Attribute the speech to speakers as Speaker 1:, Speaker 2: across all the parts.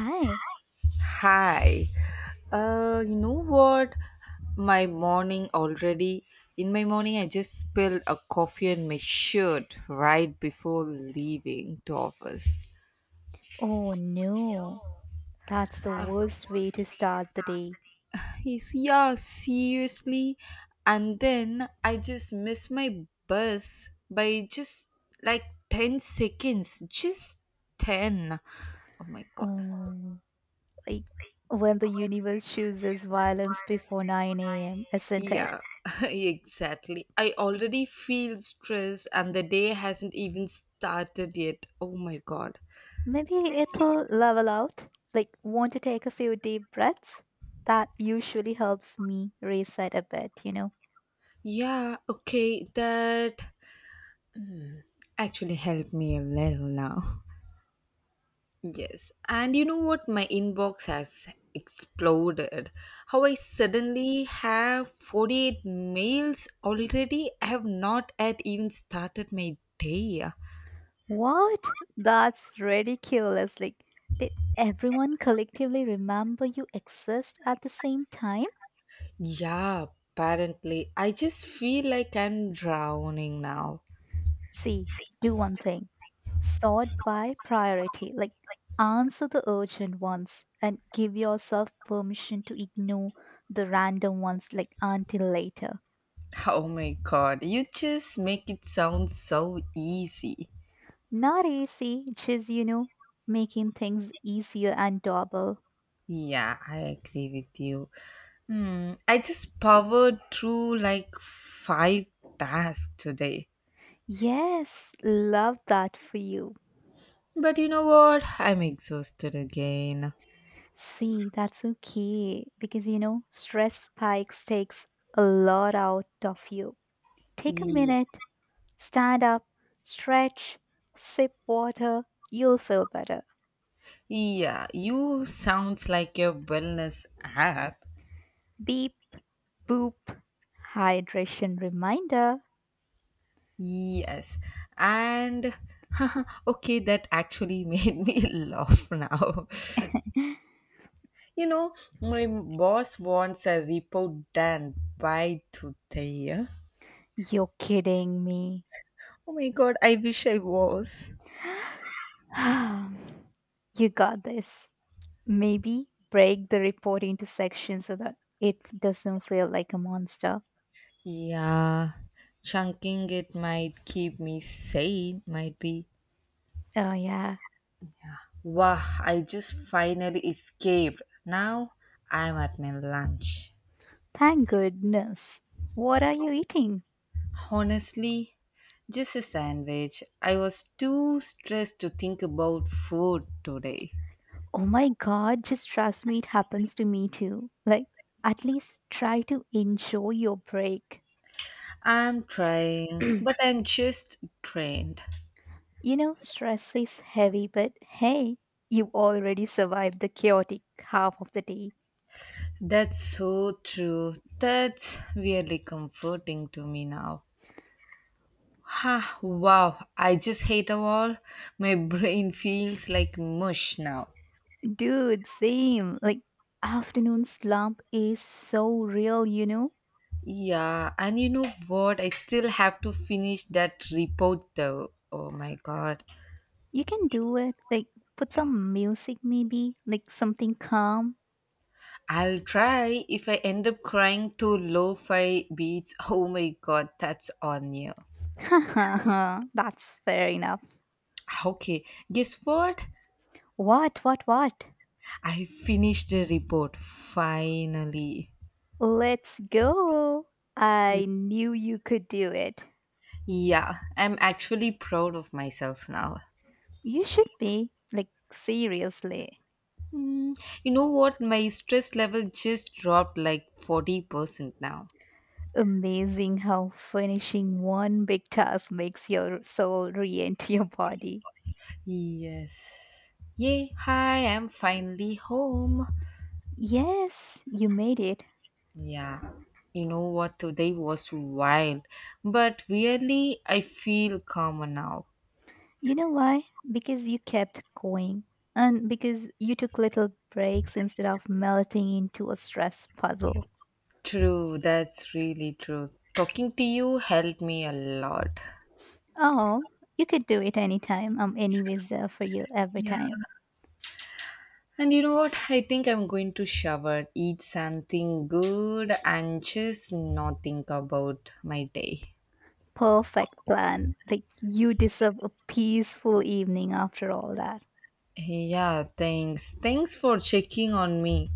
Speaker 1: Hi.
Speaker 2: Hi. You know what? My morning already. In my morning, I just spilled a coffee on my shirt right before leaving to office.
Speaker 1: Oh no, that's the
Speaker 2: Uh,
Speaker 1: worst way to start the day.
Speaker 2: Yes, yeah, seriously. And then I just missed my bus by just like 10 seconds. Just 10. Oh my god.
Speaker 1: Oh, no, like when the universe chooses violence before 9 a.m., isn't it?
Speaker 2: Yeah, exactly. I already feel stressed and the day hasn't even started yet. Oh my god.
Speaker 1: Maybe it'll level out. Like, want to take a few deep breaths? That usually helps me reset a bit, you know?
Speaker 2: Yeah, okay, that actually helped me a little now. Yes, and you know what? My inbox has exploded. How I suddenly have 48 mails already. I have not yet even started my day.
Speaker 1: What? That's ridiculous. Like, did everyone collectively remember you exist at the same time?
Speaker 2: Yeah, apparently. I just feel like I'm drowning now.
Speaker 1: See, do one thing sort by priority. Like, answer the urgent ones and give yourself permission to ignore the random ones, like, until later.
Speaker 2: Oh my god, you just make it sound so easy.
Speaker 1: Not easy, just, you know, making things easier and doable.
Speaker 2: Yeah, I agree with you. Hmm, I just powered through five tasks today.
Speaker 1: Yes, love that for you.
Speaker 2: But you know what? I'm exhausted again.
Speaker 1: See, that's okay because, you know, stress spikes takes a lot out of you. Take a
Speaker 2: Ye-
Speaker 1: minute, stand up, stretch, sip water, you'll feel better.
Speaker 2: Yeah, you sounds like a wellness app.
Speaker 1: Beep, boop, hydration reminder.
Speaker 2: Yes. And okay, that actually made me laugh now. You know, my boss wants a report done by today.
Speaker 1: You're kidding me.
Speaker 2: Oh my god, I wish I was.
Speaker 1: You got this. Maybe break the report into sections so that it doesn't feel like a monster.
Speaker 2: Yeah, chunking it might keep me sane, might be.
Speaker 1: Oh, yeah.
Speaker 2: Wow, I just finally escaped. Now I'm at my lunch.
Speaker 1: Thank goodness. What are you eating?
Speaker 2: Honestly, just a sandwich. I was too stressed to think about food today.
Speaker 1: Oh my god, just trust me, it happens to me too. Like, at least try to enjoy your break.
Speaker 2: I'm trying, but I'm just drained.
Speaker 1: You know, stress is heavy, but hey, you already survived the chaotic half of the day.
Speaker 2: That's so true. That's really comforting to me now. Ha, wow, I just hate a wall. My brain feels like mush now.
Speaker 1: Dude, same. Like, afternoon slump is so real, you know?
Speaker 2: Yeah, and you know what? I still have to finish that report though. Oh my god.
Speaker 1: You can do it. Like, put some music maybe, like something calm.
Speaker 2: I'll try if I end up crying to lo fi beats. Oh my god, that's on you.
Speaker 1: That's fair enough.
Speaker 2: Okay, guess what?
Speaker 1: What, what?
Speaker 2: I finished the report finally.
Speaker 1: Let's go. I knew you could do it.
Speaker 2: Yeah, I'm actually proud of myself now.
Speaker 1: You should be. Like, seriously.
Speaker 2: Mm, you know what? My stress level just dropped like 40% now.
Speaker 1: Amazing how finishing one big task makes your soul re enter your body.
Speaker 2: Yes. Yay, hi, I'm finally home.
Speaker 1: Yes, you made it.
Speaker 2: Yeah. You know what? Today was wild, but really, I feel calmer now.
Speaker 1: You know why? Because you kept going. And because you took little breaks instead of melting into a stress puddle.
Speaker 2: True, that's really true. Talking to you helped me a lot.
Speaker 1: Oh, you could do it anytime. I'm anyways there for you every time.
Speaker 2: And you know what? I think I'm going to shower, eat something good, and just not think about my day.
Speaker 1: Perfect plan. Like, you deserve a peaceful evening after all that.
Speaker 2: Yeah, thanks. Thanks for checking on me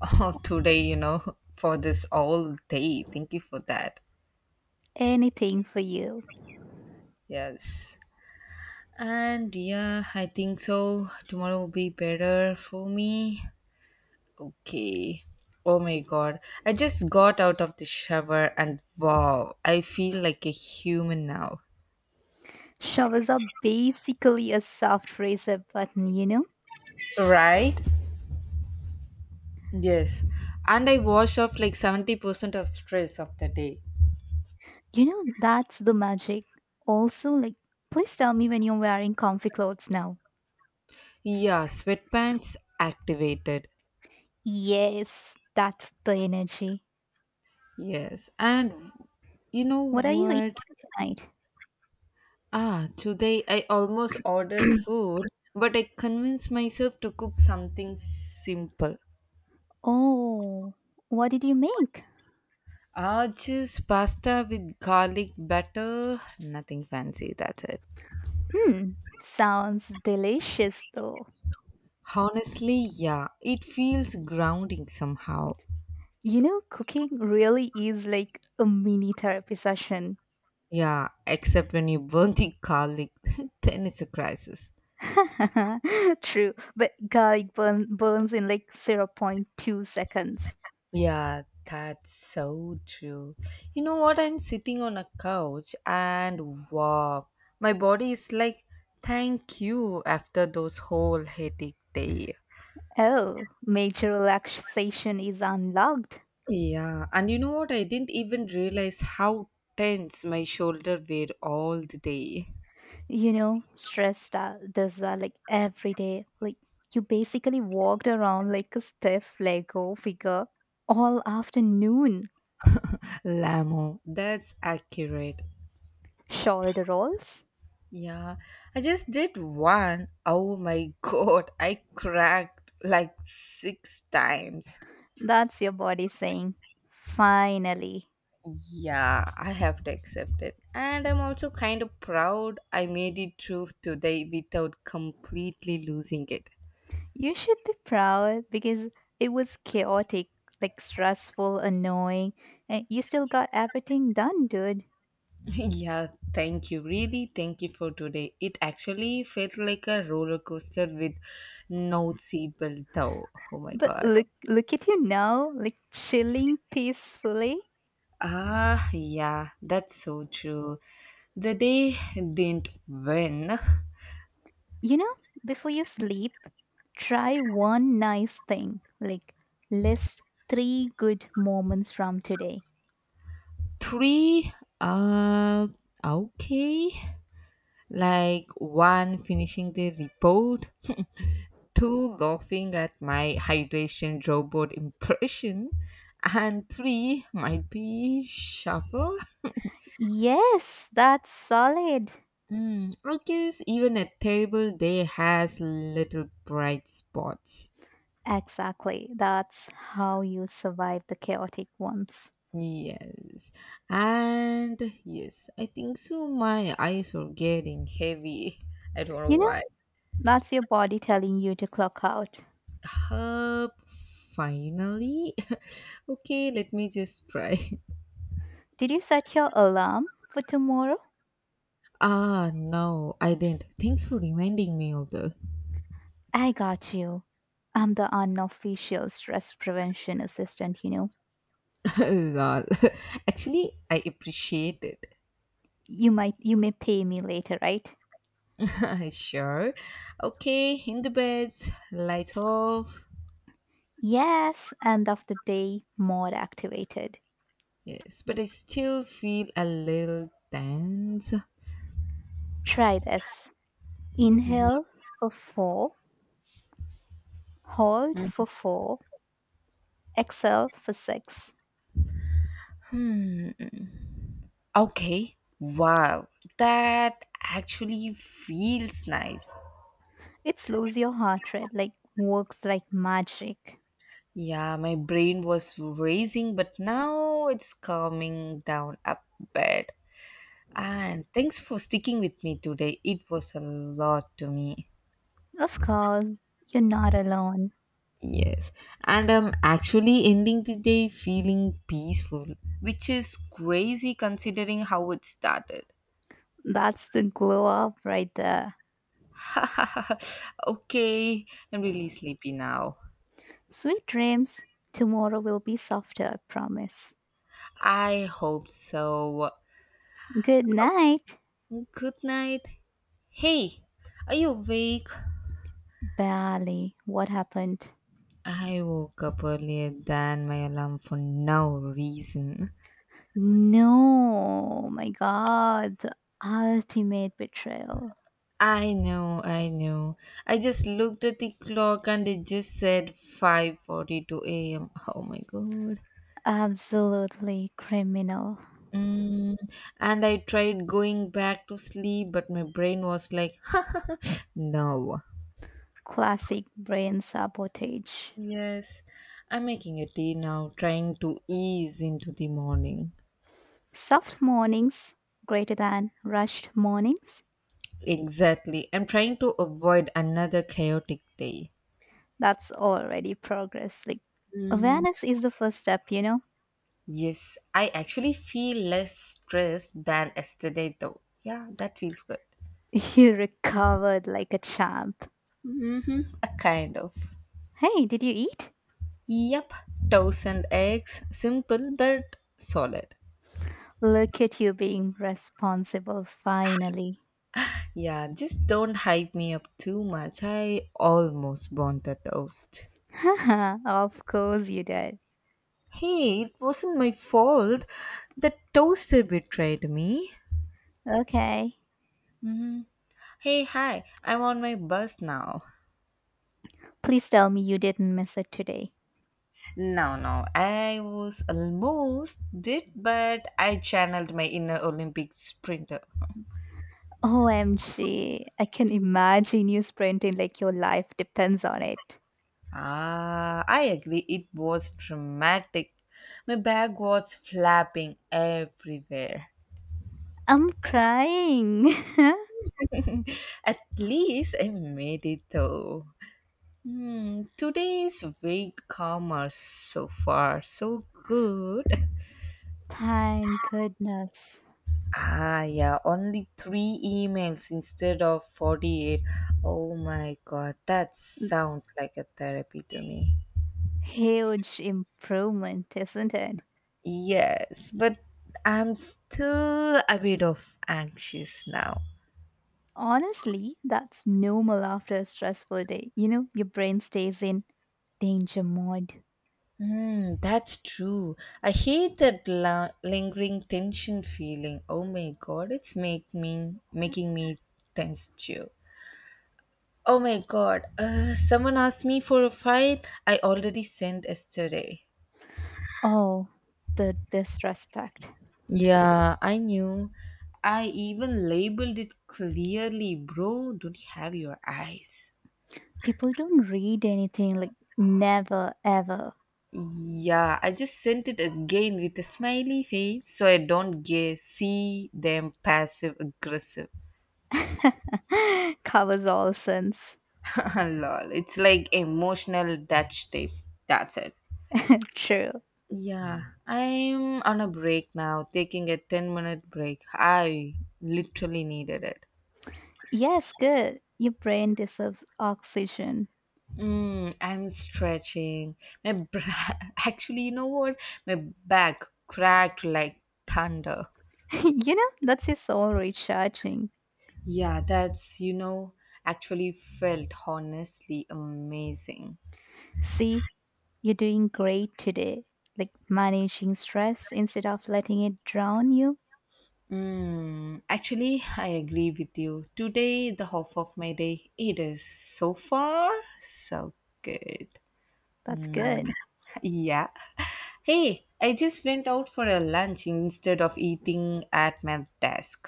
Speaker 2: today, you know, for this all day. Thank you for that.
Speaker 1: Anything for you.
Speaker 2: Yes. And yeah, I think so. Tomorrow will be better for me. Okay. Oh my god. I just got out of the shower and wow, I feel like a human now.
Speaker 1: Showers are basically a soft reset button, you know?
Speaker 2: Right? Yes, and I wash off like 70% of stress of the day.
Speaker 1: You know, that's the magic. Also, like, please tell me when you're wearing comfy clothes now.
Speaker 2: Yeah, sweatpants activated.
Speaker 1: Yes, that's the energy.
Speaker 2: Yes, and you know
Speaker 1: What are you
Speaker 2: what?
Speaker 1: eating tonight?
Speaker 2: Ah, today I almost ordered food, but I convinced myself to cook something simple.
Speaker 1: Oh, what did you make?
Speaker 2: Ah, just pasta with garlic butter, nothing fancy, that's it.
Speaker 1: Hmm, sounds delicious though.
Speaker 2: Honestly, yeah, it feels grounding somehow.
Speaker 1: You know, cooking really is like a mini therapy session.
Speaker 2: Yeah, except when you burn the garlic, then it's a crisis.
Speaker 1: True, but garlic burns in like zero point 0.2 seconds.
Speaker 2: Yeah, that's so true. You know what? I'm sitting on a couch and wow, my body is like, thank you after those whole headache day.
Speaker 1: Oh, major relaxation is unlocked.
Speaker 2: Yeah, and you know what? I didn't even realize how tense my shoulder were all the day.
Speaker 1: You know, stress does that like every day. Like you basically walked around like a stiff Lego figure all afternoon.
Speaker 2: Lamo, that's accurate.
Speaker 1: Shoulder rolls.
Speaker 2: Yeah, I just did one. Oh my god, I cracked like six times.
Speaker 1: That's your body saying, finally.
Speaker 2: Yeah, I have to accept it. And I'm also kind of proud I made it through today without completely losing it.
Speaker 1: You should be proud because it was chaotic, like stressful, annoying, and you still got everything done, dude.
Speaker 2: Yeah, thank you. Really, thank you for today. It actually felt like a roller coaster with no seatbelt, though. Oh my
Speaker 1: But
Speaker 2: god.
Speaker 1: look, look at you now, like chilling peacefully.
Speaker 2: Ah, yeah, that's so true. The day didn't win.
Speaker 1: You know, before you sleep, try one nice thing. Like, list three good moments from today.
Speaker 2: Three, uh, okay. Like one finishing the report, two laughing at my hydration robot impression, and three might be shower.
Speaker 1: Yes, that's solid.
Speaker 2: Hmm, I guess even a terrible day has little bright spots.
Speaker 1: Exactly. That's how you survive the chaotic ones.
Speaker 2: Yes, and yes, I think so. My eyes are getting heavy. I don't know
Speaker 1: You know,
Speaker 2: why.
Speaker 1: that's your body telling you to clock out.
Speaker 2: Up, finally. Okay, let me just try.
Speaker 1: Did you set your alarm for tomorrow?
Speaker 2: Ah, no, I didn't. Thanks for reminding me of the
Speaker 1: I got you. I'm the unofficial stress prevention assistant, you know.
Speaker 2: lol. Actually, I appreciate it.
Speaker 1: You may pay me later, right?
Speaker 2: Sure. Okay, in the beds, lights off.
Speaker 1: Yes, end of the day, more activated.
Speaker 2: Yes, but I still feel a little tense.
Speaker 1: Try this. Inhale for four, hold for four, exhale for six.
Speaker 2: Okay. Wow. That actually feels nice.
Speaker 1: It slows your heart rate, like works like magic.
Speaker 2: Yeah, my brain was racing, but now it's calming down a bit. And thanks for sticking with me today. It was a lot to me.
Speaker 1: Of course, you're not alone.
Speaker 2: Yes, and I'm actually ending the day feeling peaceful, which is crazy considering how it started.
Speaker 1: That's the glow up right there.
Speaker 2: Okay, I'm really sleepy now.
Speaker 1: Sweet dreams. Tomorrow will be softer, I promise.
Speaker 2: I hope so.
Speaker 1: Good night.
Speaker 2: Good night. Hey, are you awake?
Speaker 1: Barely. What happened?
Speaker 2: I woke up earlier than my alarm for no reason.
Speaker 1: No, my God, the ultimate betrayal.
Speaker 2: I know, I know. I just looked at the clock and it just said 5:42 a.m. Oh my god.
Speaker 1: Absolutely criminal.
Speaker 2: Mm, and I tried going back to sleep, but my brain was like, no.
Speaker 1: Classic brain sabotage.
Speaker 2: Yes, I'm making a tea now, trying to ease into the morning.
Speaker 1: Soft mornings greater than rushed mornings.
Speaker 2: Exactly. I'm trying to avoid another chaotic day.
Speaker 1: That's already progress. Like,
Speaker 2: Mm.
Speaker 1: awareness is the first step, you know?
Speaker 2: Yes, I actually feel less stressed than yesterday though. Yeah, that feels good.
Speaker 1: You recovered like a champ.
Speaker 2: Hmm, a kind of.
Speaker 1: Hey, did you eat?
Speaker 2: Yep, toast and eggs. Simple but solid.
Speaker 1: Look at you being responsible finally.
Speaker 2: Yeah, just don't hype me up too much. I almost burnt the toast.
Speaker 1: Haha, of course you did.
Speaker 2: Hey, it wasn't my fault. The toaster betrayed me.
Speaker 1: Okay.
Speaker 2: Hmm. Hey, hi, I'm on my bus now.
Speaker 1: Please tell me you didn't miss it today.
Speaker 2: No, no, I was almost did, but I channeled my inner Olympic sprinter.
Speaker 1: OMG, I can imagine you sprinting like your life depends on it.
Speaker 2: Ah, I agree, it was dramatic. My bag was flapping everywhere.
Speaker 1: I'm crying.
Speaker 2: At least I made it though. Hmm, today's week calmer so far, so good.
Speaker 1: Thank goodness.
Speaker 2: Ah, yeah, only three emails instead of 48. Oh my god, that sounds like a therapy to me.
Speaker 1: Huge improvement, isn't it?
Speaker 2: Yes, but I'm still a bit of anxious now.
Speaker 1: Honestly, that's normal after a stressful day. You know, your brain stays in danger mode.
Speaker 2: Hmm, that's true. I hate that lingering tension feeling. Oh my god, it's make me making me tense too. Oh my god, someone asked me for a file I already sent yesterday.
Speaker 1: Oh, the disrespect.
Speaker 2: Yeah, I knew. I even labeled it clearly, bro. Don't you have your eyes?
Speaker 1: People don't read anything like never ever.
Speaker 2: Yeah, I just sent it again with a smiley face so I don't get see them passive aggressive.
Speaker 1: Covers all sins.
Speaker 2: Lol, it's like emotional Dutch tape. That's it.
Speaker 1: True.
Speaker 2: Yeah, I'm on a break now, taking a 10-minute minute break. I literally needed it.
Speaker 1: Yes, good. Your brain deserves oxygen.
Speaker 2: Mm, I'm stretching. My bra- actually, you know what? My back cracked like thunder.
Speaker 1: You know, that's your soul recharging.
Speaker 2: Yeah, that's actually felt honestly amazing.
Speaker 1: See, you're doing great today. Like managing stress instead of letting it drown you.
Speaker 2: Mm, actually, I agree with you. Today, the half of my day, it is so far so good.
Speaker 1: That's
Speaker 2: Mm,
Speaker 1: good.
Speaker 2: yeah. Hey, I just went out for a lunch instead of eating at my desk.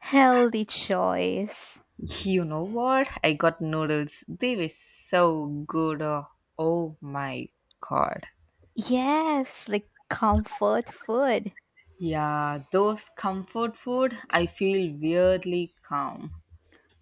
Speaker 1: Healthy choice.
Speaker 2: You know what? I got noodles. They were so good. Oh, oh my god.
Speaker 1: Yes, like comfort food.
Speaker 2: Yeah, those comfort food, I feel weirdly calm.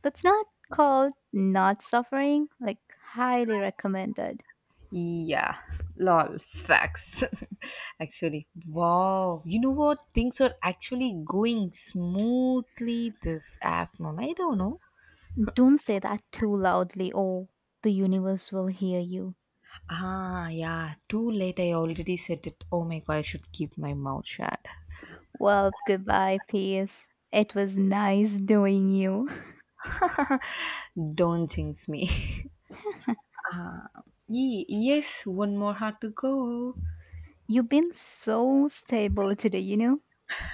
Speaker 1: That's not called not suffering. Like, highly recommended.
Speaker 2: Yeah, lol, facts. Actually, wow. You know what? Things are actually going smoothly this afternoon. I don't know.
Speaker 1: Don't say that too loudly, or the universe will hear you.
Speaker 2: Ah, yeah, too late. I already said it. Oh my god, I should keep my mouth shut.
Speaker 1: Well, goodbye, peace. It was nice knowing you.
Speaker 2: Don't jinx me. Yes, one more heart to go.
Speaker 1: You've been so stable today, you know?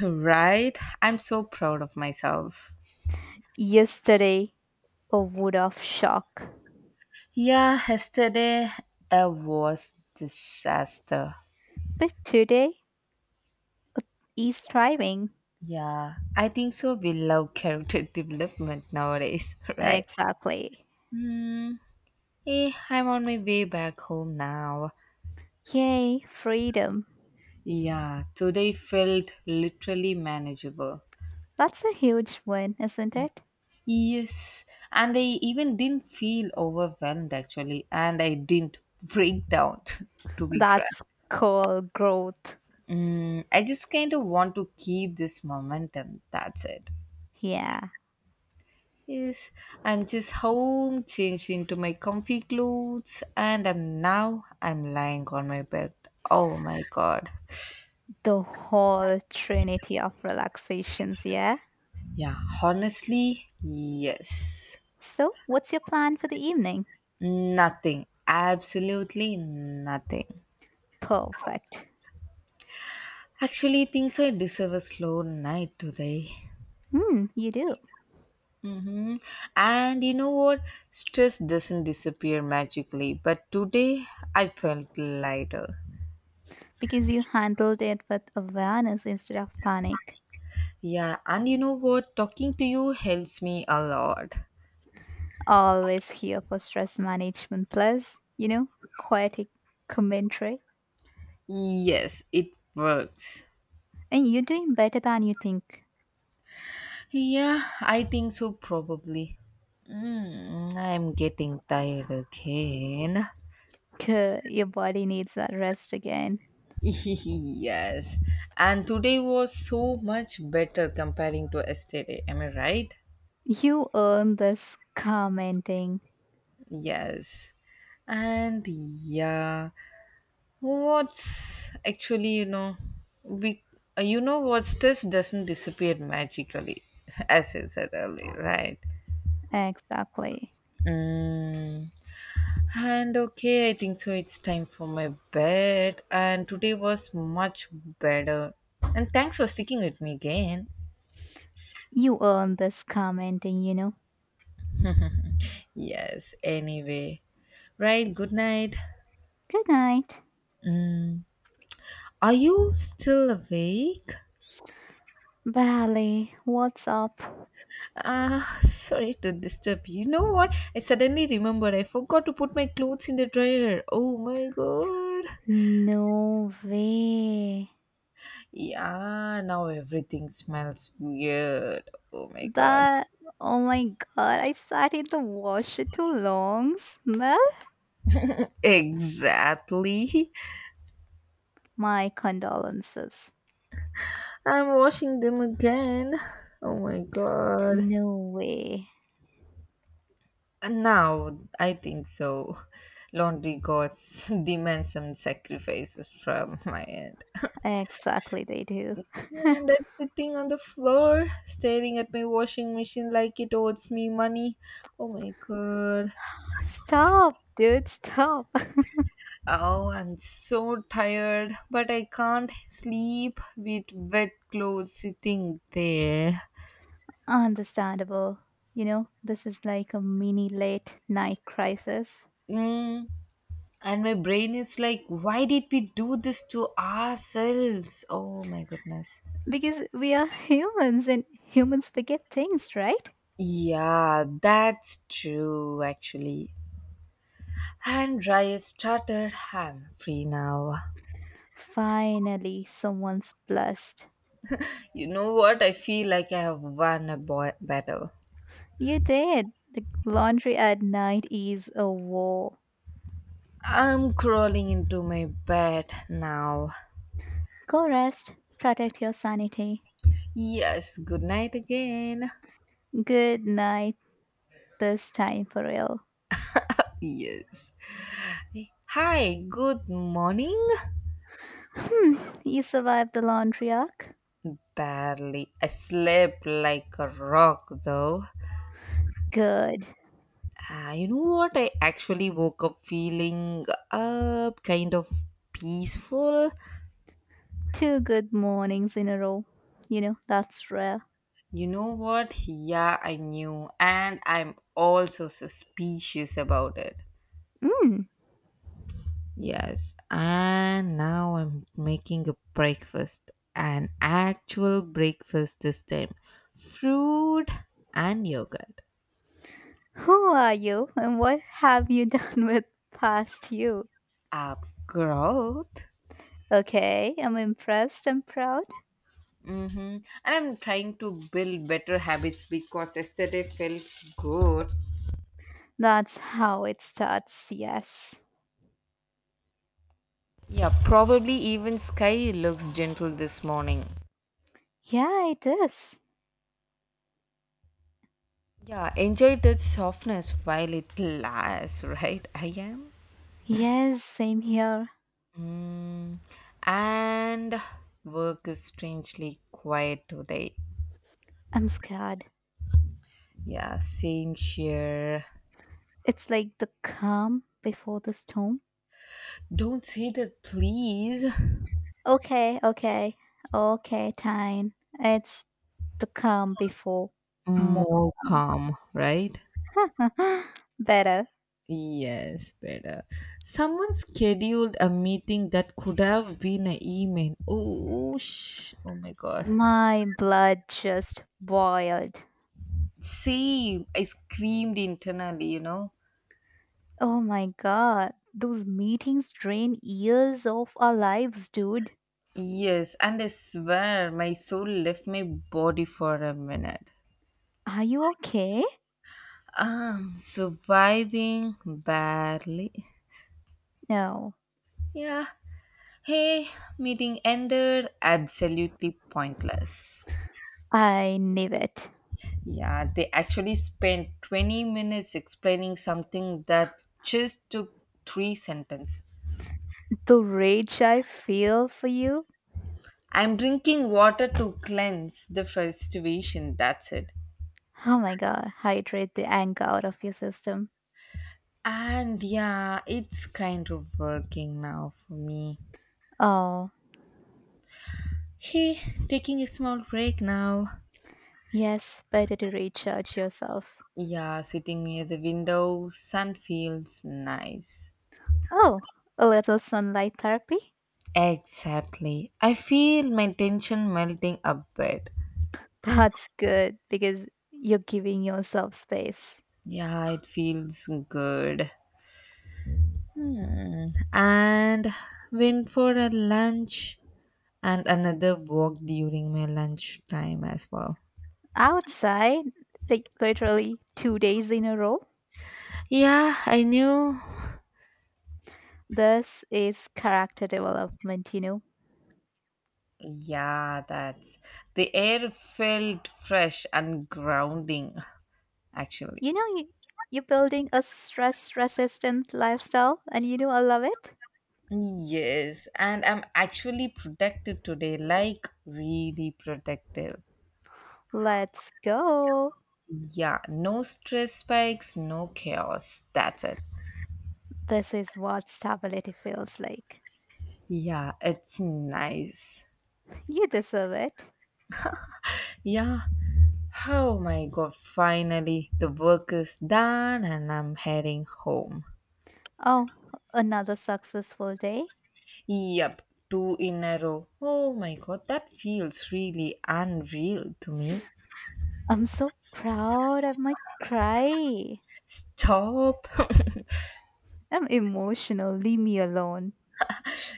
Speaker 2: Right? I'm so proud of myself.
Speaker 1: Yesterday, a wood of shock.
Speaker 2: Yeah, yesterday I was disaster.
Speaker 1: But today, is thriving.
Speaker 2: Yeah, I think so. We love character development nowadays, right?
Speaker 1: Exactly.
Speaker 2: Hmm. Eh, I'm on my way back home now.
Speaker 1: Yay, freedom.
Speaker 2: Yeah, today felt literally manageable.
Speaker 1: That's a huge win, isn't it?
Speaker 2: Yes, and I even didn't feel overwhelmed actually, and I didn't break down, to be frank.
Speaker 1: That's called growth.
Speaker 2: Mm, I just kind of want to keep this momentum. That's it.
Speaker 1: Yeah,
Speaker 2: Yes, I'm just home, changed into my comfy clothes, and I'm now I'm lying on my bed. Oh my god.
Speaker 1: the whole trinity of relaxations, yeah?
Speaker 2: Yeah, honestly, yes.
Speaker 1: So, what's your plan for the evening?
Speaker 2: Nothing. Absolutely nothing.
Speaker 1: Perfect.
Speaker 2: Actually, things I deserve a slow night today.
Speaker 1: Hmm, you do.
Speaker 2: Mm-hmm. And you know what? Stress doesn't disappear magically, but today I felt lighter.
Speaker 1: Because you handled it with awareness instead of panic.
Speaker 2: Yeah, and you know what? Talking to you helps me a lot.
Speaker 1: Always here for stress management plus, you know, poetic commentary.
Speaker 2: Yes, it works.
Speaker 1: And you're doing better than you think.
Speaker 2: Yeah, I think so, probably. Mm, I'm getting tired again.
Speaker 1: Gah, your body needs that rest again.
Speaker 2: Yes, and today was so much better comparing to yesterday. Am I right?
Speaker 1: You earn this commenting.
Speaker 2: Yes, and yeah. What's actually, you know, we, you know, what's this doesn't disappear magically, as I said earlier, right?
Speaker 1: Exactly.
Speaker 2: And okay, I think so. It's time for my bed, and today was much better. And thanks for sticking with me again.
Speaker 1: You earn this commenting, you know.
Speaker 2: Yes, anyway. Right, good night.
Speaker 1: Good night.
Speaker 2: Are you still awake?
Speaker 1: Ballet, what's up?
Speaker 2: Sorry to disturb you. You know what? I suddenly remembered I forgot to put my clothes in the dryer. Oh my god.
Speaker 1: No way.
Speaker 2: Yeah, now everything smells weird. Oh my god.
Speaker 1: That, oh my god, I sat in the washer too long. Smell?
Speaker 2: Exactly.
Speaker 1: My condolences.
Speaker 2: I'm washing them again. Oh my god.
Speaker 1: No way.
Speaker 2: And now, I think so. Laundry gods demand some sacrifices from my end.
Speaker 1: Exactly, they do.
Speaker 2: And I'm sitting on the floor staring at my washing machine like it owes me money. Oh my god.
Speaker 1: Stop, dude, stop.
Speaker 2: Oh, I'm so tired, but I can't sleep with wet clothes sitting there.
Speaker 1: Understandable. You know, this is like a mini late night crisis.
Speaker 2: Mm. And my brain is like, why did we do this to ourselves? Oh my goodness.
Speaker 1: Because we are humans and humans forget things, right?
Speaker 2: Yeah, that's true actually. And dry is started. I'm free now.
Speaker 1: Finally, someone's blessed.
Speaker 2: You know what? I feel like I have won a battle.
Speaker 1: You did. The laundry at night is a war.
Speaker 2: I'm crawling into my bed now.
Speaker 1: Go rest, protect your sanity.
Speaker 2: Yes, good night again.
Speaker 1: Good night, this time for real.
Speaker 2: Yes. Hi, good morning.
Speaker 1: Hmm, you survived the laundry arc?
Speaker 2: Barely. I slept like a rock though.
Speaker 1: Good.
Speaker 2: You know what? I actually woke up feeling kind of peaceful.
Speaker 1: Two good mornings in a row. You know, that's rare.
Speaker 2: You know what? Yeah, I knew. And I'm also suspicious about it.
Speaker 1: Mm,
Speaker 2: Yes. And now I'm making a breakfast. An actual breakfast this time. Fruit and yogurt.
Speaker 1: who are you and what have you done with past you?
Speaker 2: Up growth.
Speaker 1: Okay, I'm impressed and proud.
Speaker 2: Mm-hmm. And I'm trying to build better habits because yesterday felt good.
Speaker 1: That's how it starts, yes.
Speaker 2: Yeah, probably even sky looks gentle this morning.
Speaker 1: Yeah, it is.
Speaker 2: Yeah, enjoy that softness while it lasts, right? I am.
Speaker 1: Yes, same here.
Speaker 2: Mm. And work is strangely quiet today.
Speaker 1: I'm scared.
Speaker 2: Yeah, same here.
Speaker 1: It's like the calm before the storm.
Speaker 2: Don't say that, please.
Speaker 1: Okay, okay, okay, Tyne. It's the calm before more
Speaker 2: More
Speaker 1: calm.
Speaker 2: calm, right?
Speaker 1: Better.
Speaker 2: Yes, better. Someone scheduled a meeting that could have been an email. Oh, oh, oh my god.
Speaker 1: My blood just boiled.
Speaker 2: Same. I screamed internally,
Speaker 1: Oh my god, those meetings drain years of our lives, dude.
Speaker 2: Yes, and I swear my soul left my body for a minute.
Speaker 1: Are you okay?
Speaker 2: Surviving barely.
Speaker 1: No,
Speaker 2: Yeah. Hey, meeting ended. Absolutely pointless.
Speaker 1: I knew it.
Speaker 2: Yeah, they actually spent 20 minutes explaining something that just took three sentences.
Speaker 1: The rage I feel for you.
Speaker 2: I'm drinking water to cleanse the frustration, that's it.
Speaker 1: Oh my god, hydrate the anger out of your system.
Speaker 2: And yeah, it's kind of working now for me.
Speaker 1: Oh,
Speaker 2: Hey, taking a small break now.
Speaker 1: yes, better to recharge yourself.
Speaker 2: Yeah, sitting near the window, sun feels nice.
Speaker 1: Oh, a little sunlight therapy?
Speaker 2: Exactly. I feel my tension melting a bit.
Speaker 1: That's good because you're giving yourself space.
Speaker 2: Yeah, it feels good. Hmm. And went for a lunch and another walk during my lunch time as well.
Speaker 1: Outside, like literally 2 days in a row,
Speaker 2: Yeah, I knew.
Speaker 1: this is character development, you know.
Speaker 2: Yeah, that's the air felt fresh and grounding actually.
Speaker 1: You know, you're building a stress resistant lifestyle, and you know, I love it.
Speaker 2: Yes, and I'm actually productive today, like really productive.
Speaker 1: Let's go.
Speaker 2: Yeah, no stress spikes, no chaos. That's it.
Speaker 1: This is what stability feels like.
Speaker 2: Yeah, it's nice.
Speaker 1: You deserve it.
Speaker 2: Yeah. Oh my god, finally the work is done and I'm heading home.
Speaker 1: Oh, another successful day.
Speaker 2: Yep, two in a row. Oh my god, that feels really unreal to me.
Speaker 1: I'm so proud of my cry.
Speaker 2: Stop.
Speaker 1: I'm emotional, leave me alone.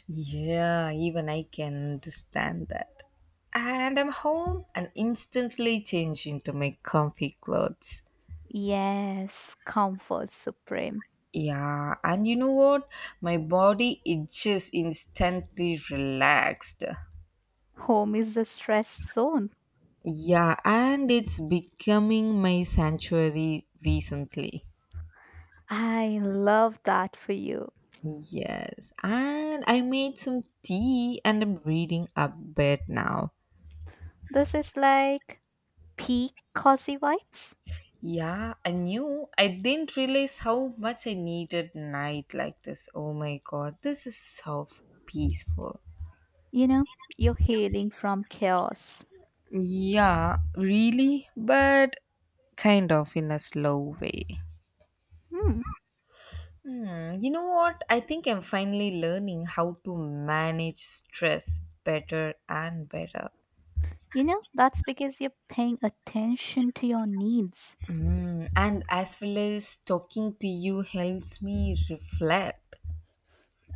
Speaker 2: Yeah, even I can understand that. And I'm home and instantly change into my comfy clothes.
Speaker 1: Yes, comfort supreme.
Speaker 2: Yeah, and you know what? My body it just instantly relaxed.
Speaker 1: Home is the stressed zone.
Speaker 2: Yeah, and it's becoming my sanctuary recently.
Speaker 1: I love that for you.
Speaker 2: Yes, and I made some tea and I'm reading a bit now.
Speaker 1: This is like peak cozy vibes.
Speaker 2: Yeah, I knew. I didn't realize how much I needed night like this. Oh my god, this is so peaceful.
Speaker 1: You know, you're healing from chaos.
Speaker 2: Yeah, really, but kind of in a slow way.
Speaker 1: Hmm.
Speaker 2: Hmm, you know what? I think I'm finally learning how to manage stress better and better.
Speaker 1: You know, that's because you're paying attention to your needs.
Speaker 2: Hmm, and as well as talking to you helps me reflect.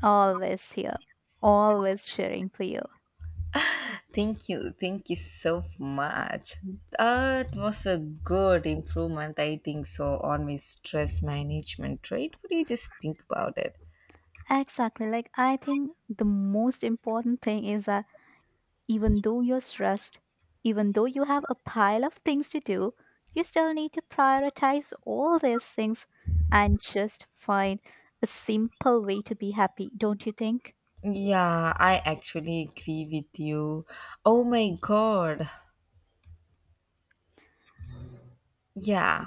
Speaker 1: Always here, always cheering for you.
Speaker 2: Thank you. Thank you so much. That was a good improvement, I think so, on my stress management, right? What do you just think about it?
Speaker 1: Exactly. Like, I think the most important thing is that. Even though you're stressed, even though you have a pile of things to do, you still need to prioritize all these things and just find a simple way to be happy, don't you think?
Speaker 2: Yeah, I actually agree with you. Oh my god, yeah.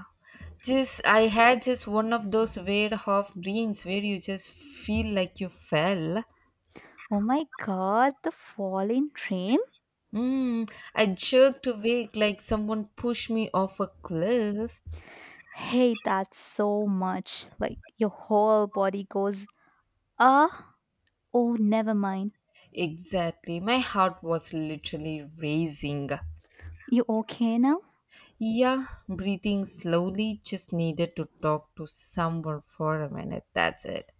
Speaker 2: Just I had just one of those weird half dreams where you just feel like you fell.
Speaker 1: Oh my god, the falling rain?
Speaker 2: Mm, I jerked awake like someone pushed me off a cliff.
Speaker 1: Hate that so much. Like your whole body goes, ah, oh, never mind.
Speaker 2: Exactly. My heart was literally racing.
Speaker 1: You okay now?
Speaker 2: Yeah, breathing slowly, just needed to talk to someone for a minute. That's it.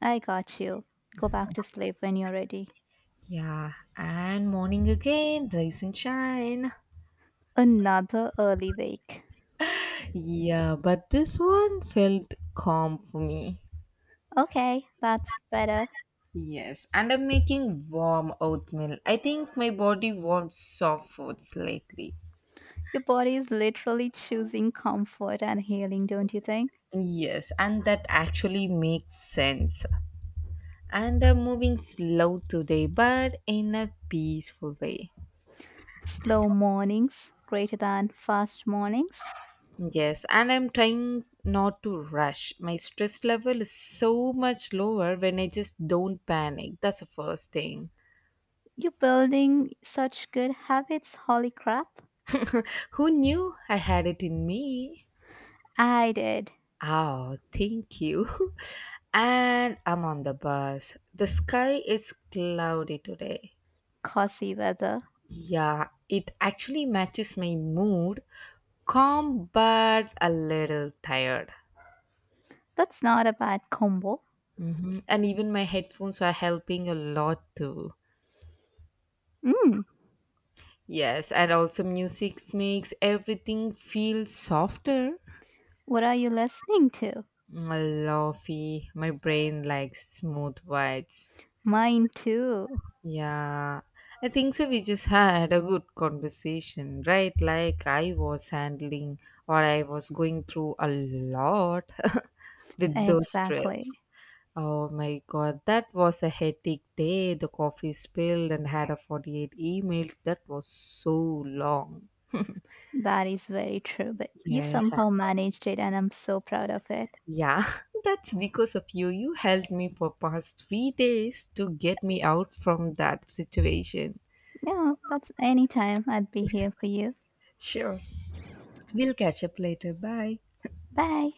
Speaker 1: I got you. Go back to sleep when you're ready.
Speaker 2: Yeah, and morning again, rise and shine.
Speaker 1: Another early wake.
Speaker 2: Yeah, but this one felt calm for me.
Speaker 1: Okay, that's better.
Speaker 2: Yes, and I'm making warm oatmeal. I think my body wants soft foods lately.
Speaker 1: Your body is literally choosing comfort and healing, don't you think?
Speaker 2: Yes, and that actually makes sense. And I'm moving slow today, but in a peaceful way.
Speaker 1: Slow mornings greater than fast mornings.
Speaker 2: Yes, and I'm trying not to rush. My stress level is so much lower when I just don't panic. That's the first thing.
Speaker 1: You're building such good habits, holy crap.
Speaker 2: Who knew I had it in me?
Speaker 1: I did.
Speaker 2: Oh, thank you. And I'm on the bus. The sky is cloudy today.
Speaker 1: Cozy weather.
Speaker 2: Yeah, it actually matches my mood. Calm, but a little tired.
Speaker 1: That's not a bad combo.
Speaker 2: Hmm. And even my headphones are helping a lot too.
Speaker 1: Mm,
Speaker 2: Yes, and also music makes everything feel softer.
Speaker 1: what are you listening to?
Speaker 2: Fluffy. My brain likes smooth vibes.
Speaker 1: Mine too.
Speaker 2: Yeah, I think so. We just had a good conversation, right? Like I was handling or I was going through a lot with mhm the stress.
Speaker 1: Exactly.
Speaker 2: Oh my god, that was a hectic day. The coffee spilled and had a 48 emails. That was so long.
Speaker 1: That is very true, but you
Speaker 2: Yes, I-
Speaker 1: somehow managed it and I'm so proud of it.
Speaker 2: yeah, that's because of you. You helped me for past 3 days to get me out from that situation.
Speaker 1: Yeah, that's anytime I'd be here for you.
Speaker 2: Sure. We'll catch up later. Bye.
Speaker 1: Bye.